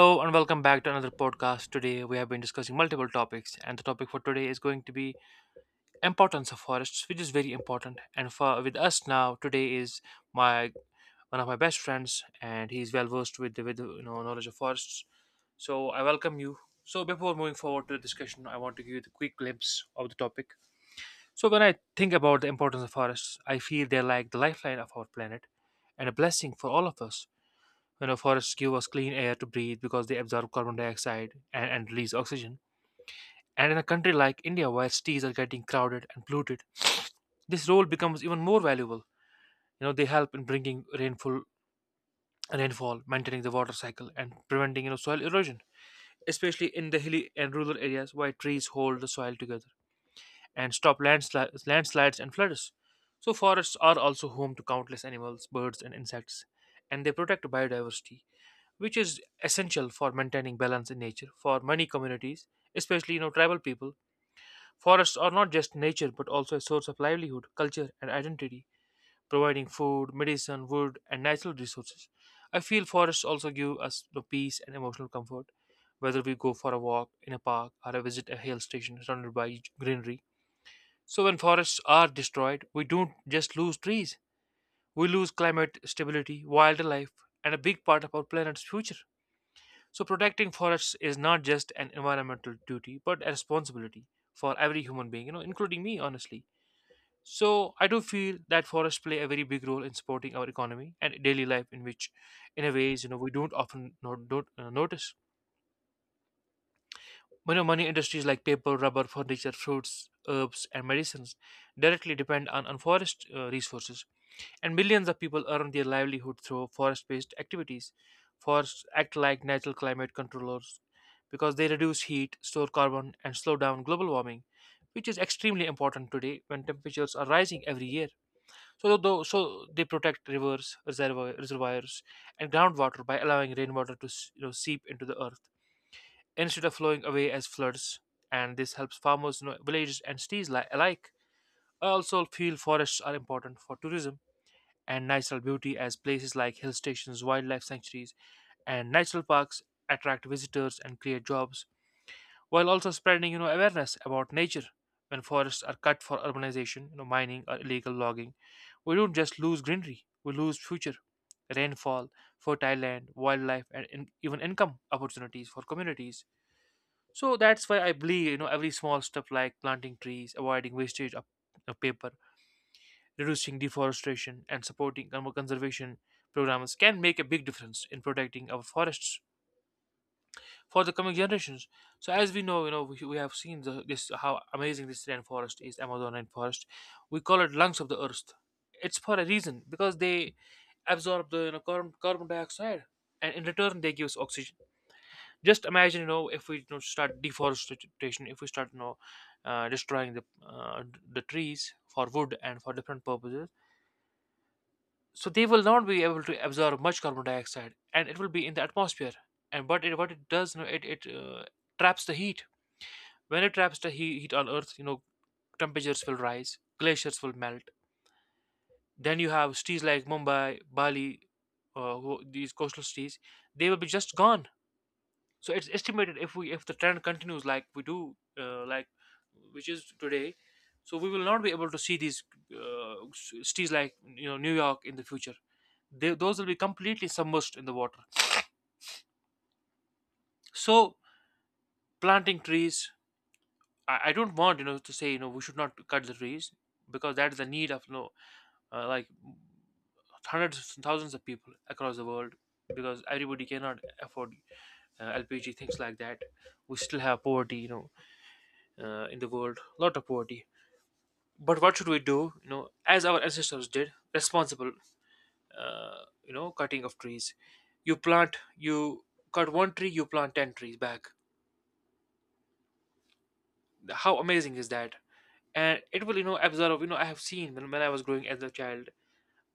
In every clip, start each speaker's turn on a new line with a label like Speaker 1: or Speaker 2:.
Speaker 1: Hello and welcome back to another podcast. Today we have been discussing multiple topics, and the topic for today is going to be importance of forests, which is very important. And for with us now today is my one of my best friends, and he's well versed with you know knowledge of forests. So I welcome you. So before moving forward to the discussion, I want to give you the quick glimpse of the topic. So when I think about the importance of forests, I feel they're like the lifeline of our planet and a blessing for all of us. You know, forests give us clean air to breathe because they absorb carbon dioxide and release oxygen. And in a country like India, where cities are getting crowded and polluted, this role becomes even more valuable. You know, they help in bringing rainfall, maintaining the water cycle, and preventing you know soil erosion, especially in the hilly and rural areas where trees hold the soil together and stop landslides and floods. So forests are also home to countless animals, birds, and insects, and they protect biodiversity which is essential for maintaining balance in nature. For many communities, especially you know tribal people, forests are not just nature but also a source of livelihood, culture, and identity, providing food, medicine, wood, and natural resources. I feel forests also give us the peace and emotional comfort, whether we go for a walk in a park or a visit a hill station surrounded by greenery. So when forests are destroyed, we don't just lose trees; we lose climate stability, wildlife, and a big part of our planet's future. So, protecting forests is not just an environmental duty, but a responsibility for every human being, you know, including me, honestly. So, I do feel that forests play a very big role in supporting our economy and daily life, in which, in a ways, you know, we don't often don't notice. You know, many industries like paper, rubber, furniture, fruits, herbs, and medicines directly depend on forest resources, and millions of people earn their livelihood through forest based activities. Forests act like natural climate controllers because they reduce heat, store carbon, and slow down global warming, which is extremely important today when temperatures are rising every year. So they protect rivers, reservoirs, and groundwater by allowing rainwater to you know, seep into the earth instead of flowing away as floods, and this helps farmers, you know, villages, and cities alike. I also feel forests are important for tourism and natural beauty, as places like hill stations, wildlife sanctuaries, and national parks attract visitors and create jobs, while also spreading, you know, awareness about nature. When forests are cut for urbanization, you know, mining or illegal logging, we don't just lose greenery; we lose future rainfall, fertile land, wildlife, even income opportunities for communities. So that's why I believe you know every small step like planting trees, avoiding wastage of paper, reducing deforestation, and supporting conservation programs can make a big difference in protecting our forests for the coming generations. So as we know, you know we have seen this how amazing this rainforest is, Amazon rainforest. We call it lungs of the earth. It's for a reason because they absorb the you know, carbon dioxide, and in return they give us oxygen. Just imagine you know if we you know, start deforestation if we start you know destroying the trees for wood and for different purposes, so they will not be able to absorb much carbon dioxide and it will be in the atmosphere. What it does you know it traps the heat. When it traps the heat on earth, you know temperatures will rise, glaciers will melt. Then you have cities like Mumbai, Bali, these coastal cities, they will be just gone. So it's estimated if we if the trend continues like we do like, which is today, so we will not be able to see these cities like you know New York in the future. Those will be completely submerged in the water. So planting trees, I don't want you know to say you know we should not cut the trees, because that is the need of you know like hundreds and thousands of people across the world, because everybody cannot afford LPG, things like that. We still have poverty, you know, in the world a lot of poverty. But what should we do? You know, as our ancestors did, responsible, you know, cutting of trees. You cut one tree, you plant 10 trees back. How amazing is that? And it will you know absorb, you know I have seen when I was growing as a child,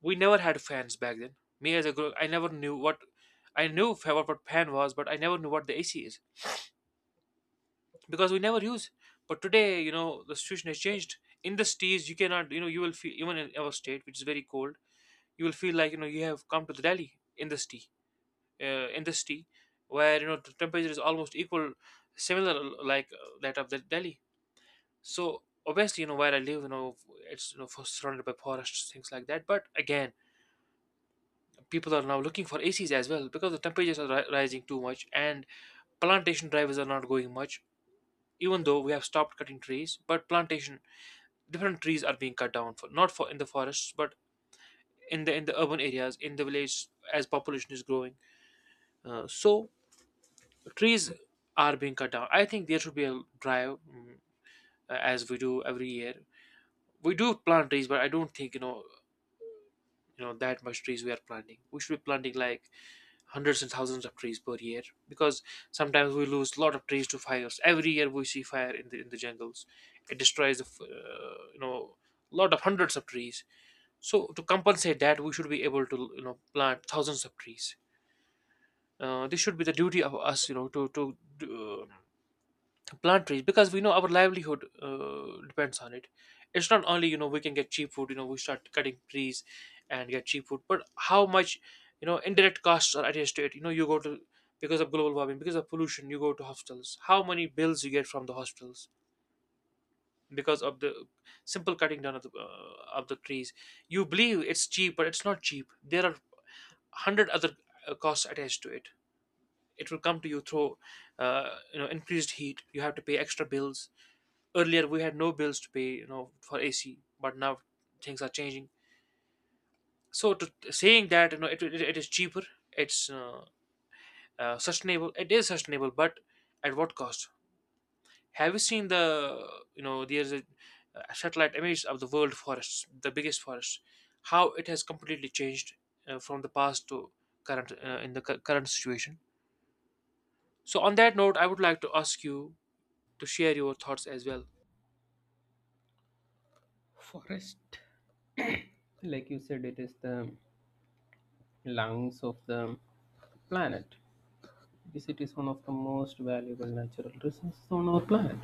Speaker 1: we never had fans back then. Me as a girl, I never knew what, I knew what fan was, but I never knew what the AC is, because we never use. But today, you know, the situation has changed. In the cities, you cannot, you know, you will feel even in our state, which is very cold, you will feel like, you know, you have come to the Delhi in the city in the city, where you know the temperature is almost equal, similar, like that of the Delhi. So obviously, you know, where I live, you know, it's you know surrounded by forests, things like that. But again, people are now looking for ACs as well, because the temperatures are rising too much, and plantation drivers are not going much. Even though we have stopped cutting trees, but plantation, different trees are being cut down for, not for in the forests, but in the urban areas, in the village, as population is growing. So trees are being cut down. I think there should be a drive, as we do every year, we do plant trees. But I don't think you know, you know that much trees we are planting, we should be planting like hundreds and thousands of trees per year, because sometimes we lose a lot of trees to fires. Every year we see fire in the jungles. It destroys you know, lot of hundreds of trees. So to compensate that, we should be able to you know plant thousands of trees. This should be the duty of us, you know, uh, to plant trees, because we know our livelihood depends on it. It's not only, you know, we can get cheap food, you know, we start cutting trees and get cheap food, but how much you know indirect costs are attached to it. You know, you go to, because of global warming, because of pollution, you go to hospitals. How many bills you get from the hospitals? Because of the simple cutting down of the trees. You believe it's cheap, but it's not cheap. There are hundred other costs attached to it. It will come to you through you know increased heat. You have to pay extra bills. Earlier we had no bills to pay you know for AC, but now things are changing. So to saying that you know it is cheaper, it's sustainable. It is sustainable, but at what cost? Have you seen the you know there's a satellite image of the world forests, the biggest forest, how it has completely changed from the past to current current situation. So on that note, I would like to ask you to share your thoughts as well.
Speaker 2: Forest, like you said, it is the lungs of the planet. Because it is one of the most valuable natural resources on our planet.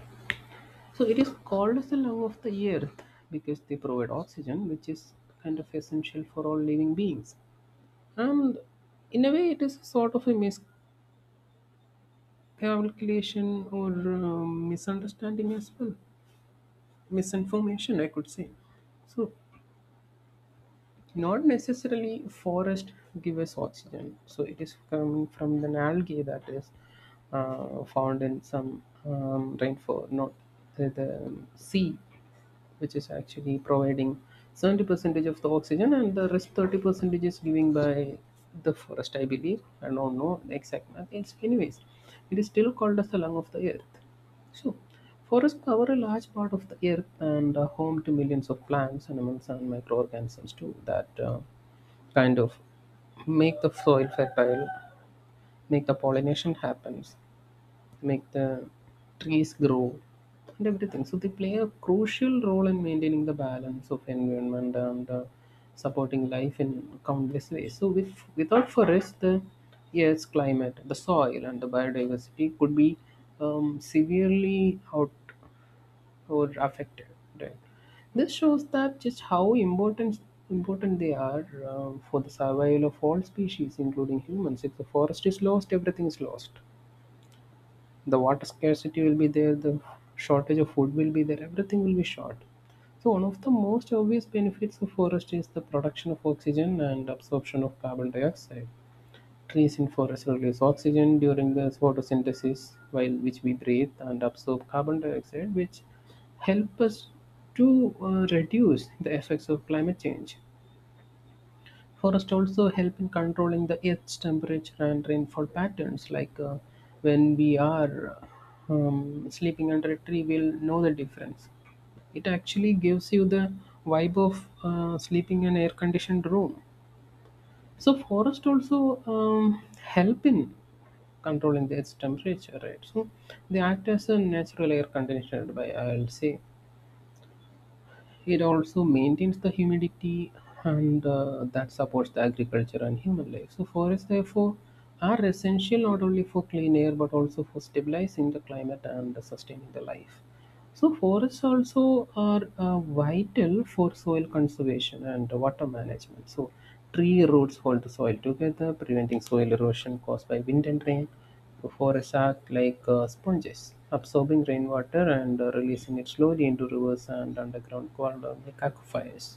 Speaker 2: So it is called as the lung of the earth because they provide oxygen, which is kind of essential for all living beings. And in a way, it is sort of a miscalculation or misunderstanding as well, misinformation, I could say. So not necessarily forest give us oxygen so it is coming from the algae that is found in some rainfall not the sea which is actually providing 70 percentage of the oxygen and the rest 30 percentage is given by the forest. I believe I don't know the exact math, it's anyways it is still called as the lung of the earth. So forests cover a large part of the earth and are home to millions of plants, animals, and microorganisms too that kind of make the soil fertile, make the pollination happens, make the trees grow and everything. So they play a crucial role in maintaining the balance of environment and supporting life in countless ways. So if without forest, the Earth's climate, the soil, and the biodiversity could be severely out or affected. Right? This shows that just how important they are, for the survival of all species, including humans. If the forest is lost, everything is lost. The water scarcity will be there, the shortage of food will be there, everything will be short. So one of the most obvious benefits of forest is the production of oxygen and absorption of carbon dioxide. Trees in forest release oxygen during the photosynthesis, while which we breathe and absorb carbon dioxide, which help us to reduce the effects of climate change. Forests also help in controlling the Earth's temperature and rainfall patterns. Like when we are sleeping under a tree, we'll know the difference. It actually gives you the vibe of sleeping in an air-conditioned room. So forest also help in controlling the Earth's temperature, right? So they act as a natural air conditioner by, I'll say. It also maintains the humidity and that supports the agriculture and human life. So forests therefore are essential not only for clean air but also for stabilizing the climate and sustaining the life. So forests also are vital for soil conservation and water management. So tree roots hold the soil together, preventing soil erosion caused by wind and rain. So forests act like sponges, absorbing rainwater and releasing it slowly into rivers and underground corridors like aquifers.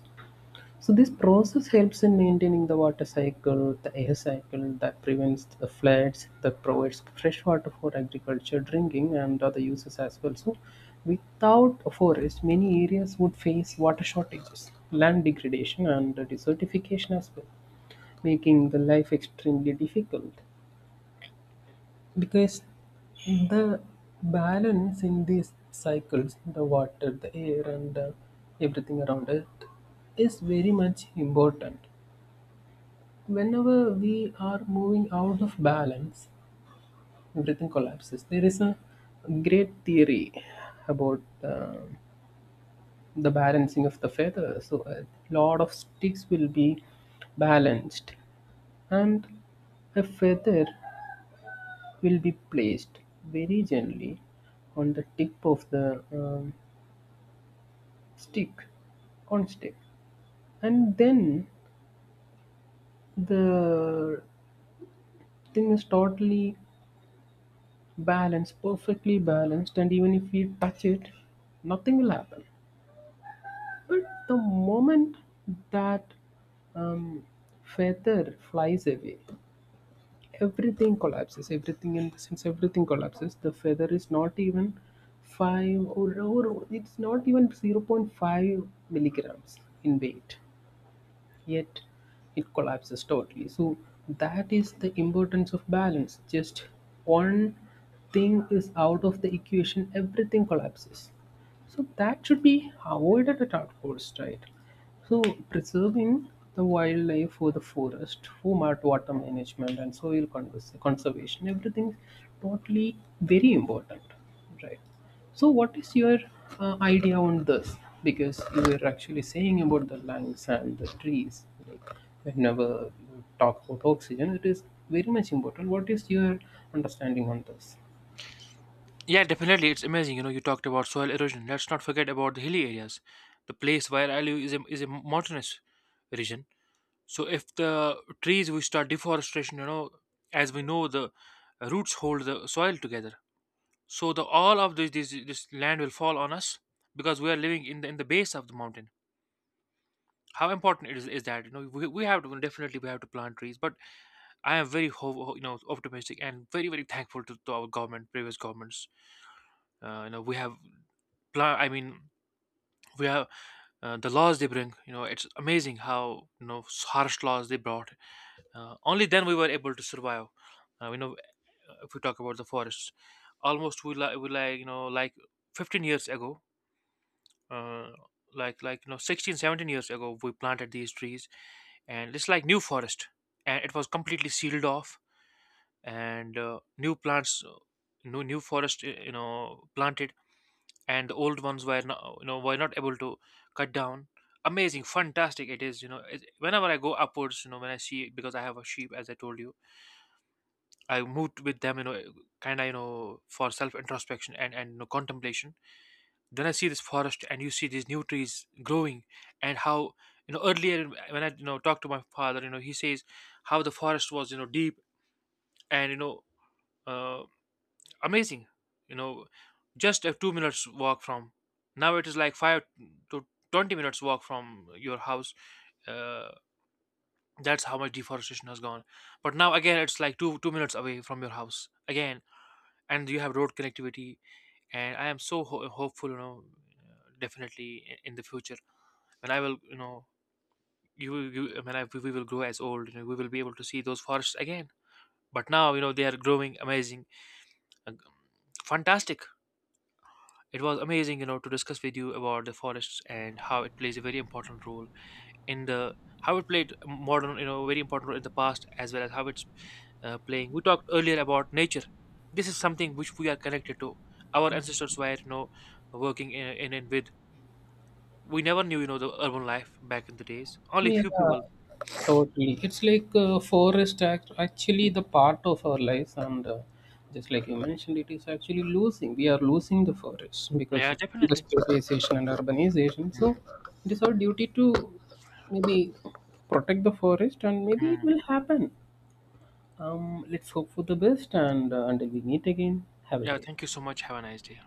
Speaker 2: So this process helps in maintaining the water cycle, the air cycle, that prevents the floods, that provides fresh water for agriculture, drinking, and other uses as well. So without a forest, many areas would face water shortages, land degradation, and desertification as well, making the life extremely difficult. Because the balance in these cycles, the water, the air, and everything around it, is very much important. Whenever we are moving out of balance, everything collapses. There is a great theory about the balancing of the feather. So, a lot of sticks will be balanced, and a feather will be placed very gently on the tip of the stick, on stick, and then the thing is totally balanced, perfectly balanced, and even if we touch it, nothing will happen. But the moment that um, feather flies away, everything collapses. Everything in, since everything collapses, the feather is not even five or it's not even 0.5 milligrams in weight, yet it collapses totally. So that is the importance of balance. Just one thing is out of the equation, everything collapses. So that should be avoided at all costs, right? So preserving the wildlife for the forest, for water management and soil conservation, everything totally very important, right? So what is your idea on this? Because you were actually saying about the lungs and the trees, like whenever you talk about oxygen, it is very much important. What is your understanding on this?
Speaker 1: Yeah, definitely, it's amazing. You know, you talked about soil erosion. Let's not forget about the hilly areas. The place where I live is a mountainous region. So if the trees, we start deforestation, you know, as we know, the roots hold the soil together. So the all of this, this land will fall on us, because we are living in the base of the mountain. How important it is that you know we have to definitely we have to plant trees. But I am very you know optimistic and very thankful to our government, previous governments. You know, we have plant I mean we have the laws they bring, you know it's amazing how you know harsh laws they brought. Only then we were able to survive. You know, if we talk about the forests, almost we like you know like 15 years ago, uh, you know 16 17 years ago we planted these trees. And it's like new forest, and it was completely sealed off, and new plants, new forest, you know planted. And the old ones were not, you know, were not able to cut down. Amazing, fantastic it is, you know whenever I go upwards, you know when I see, because I have a sheep, as I told you, I moved with them, you know, kind of you know for self introspection and you know, contemplation. Then I see this forest, and you see these new trees growing, and how you know earlier when I you know talked to my father, you know he says how the forest was you know deep and you know uh, amazing, you know, just a 2 minutes walk from. Now it is like 5 to 20 minutes walk from your house. Uh, that's how much deforestation has gone. But now again, it's like two minutes away from your house again, and you have road connectivity. And I am so hopeful, you know, definitely in the future, when I will, you know, we will grow as old, you know, we will be able to see those forests again. But now, you know, they are growing amazing, uh, fantastic. It was amazing, you know, to discuss with you about the forests and how it plays a very important role in the how it played modern, you know, very important role in the past as well as how it's playing. We talked earlier about nature. This is something which we are connected to. Our ancestors were, you know, working in and with. We never knew, you know, the urban life back in the days. Only
Speaker 2: Yeah,
Speaker 1: few people.
Speaker 2: totally. It's like forest act actually the part of our lives, and just like you mentioned, it is actually losing. We are losing the forest because
Speaker 1: Yeah,
Speaker 2: of
Speaker 1: definitely.
Speaker 2: industrialization and urbanization. So
Speaker 1: Hmm.
Speaker 2: it is our duty to maybe protect the forest, and maybe it
Speaker 1: Mm.
Speaker 2: will happen. Let's hope for the best, and until we meet again, have a
Speaker 1: Yeah,
Speaker 2: great. Day.
Speaker 1: thank you so much. Have a nice day.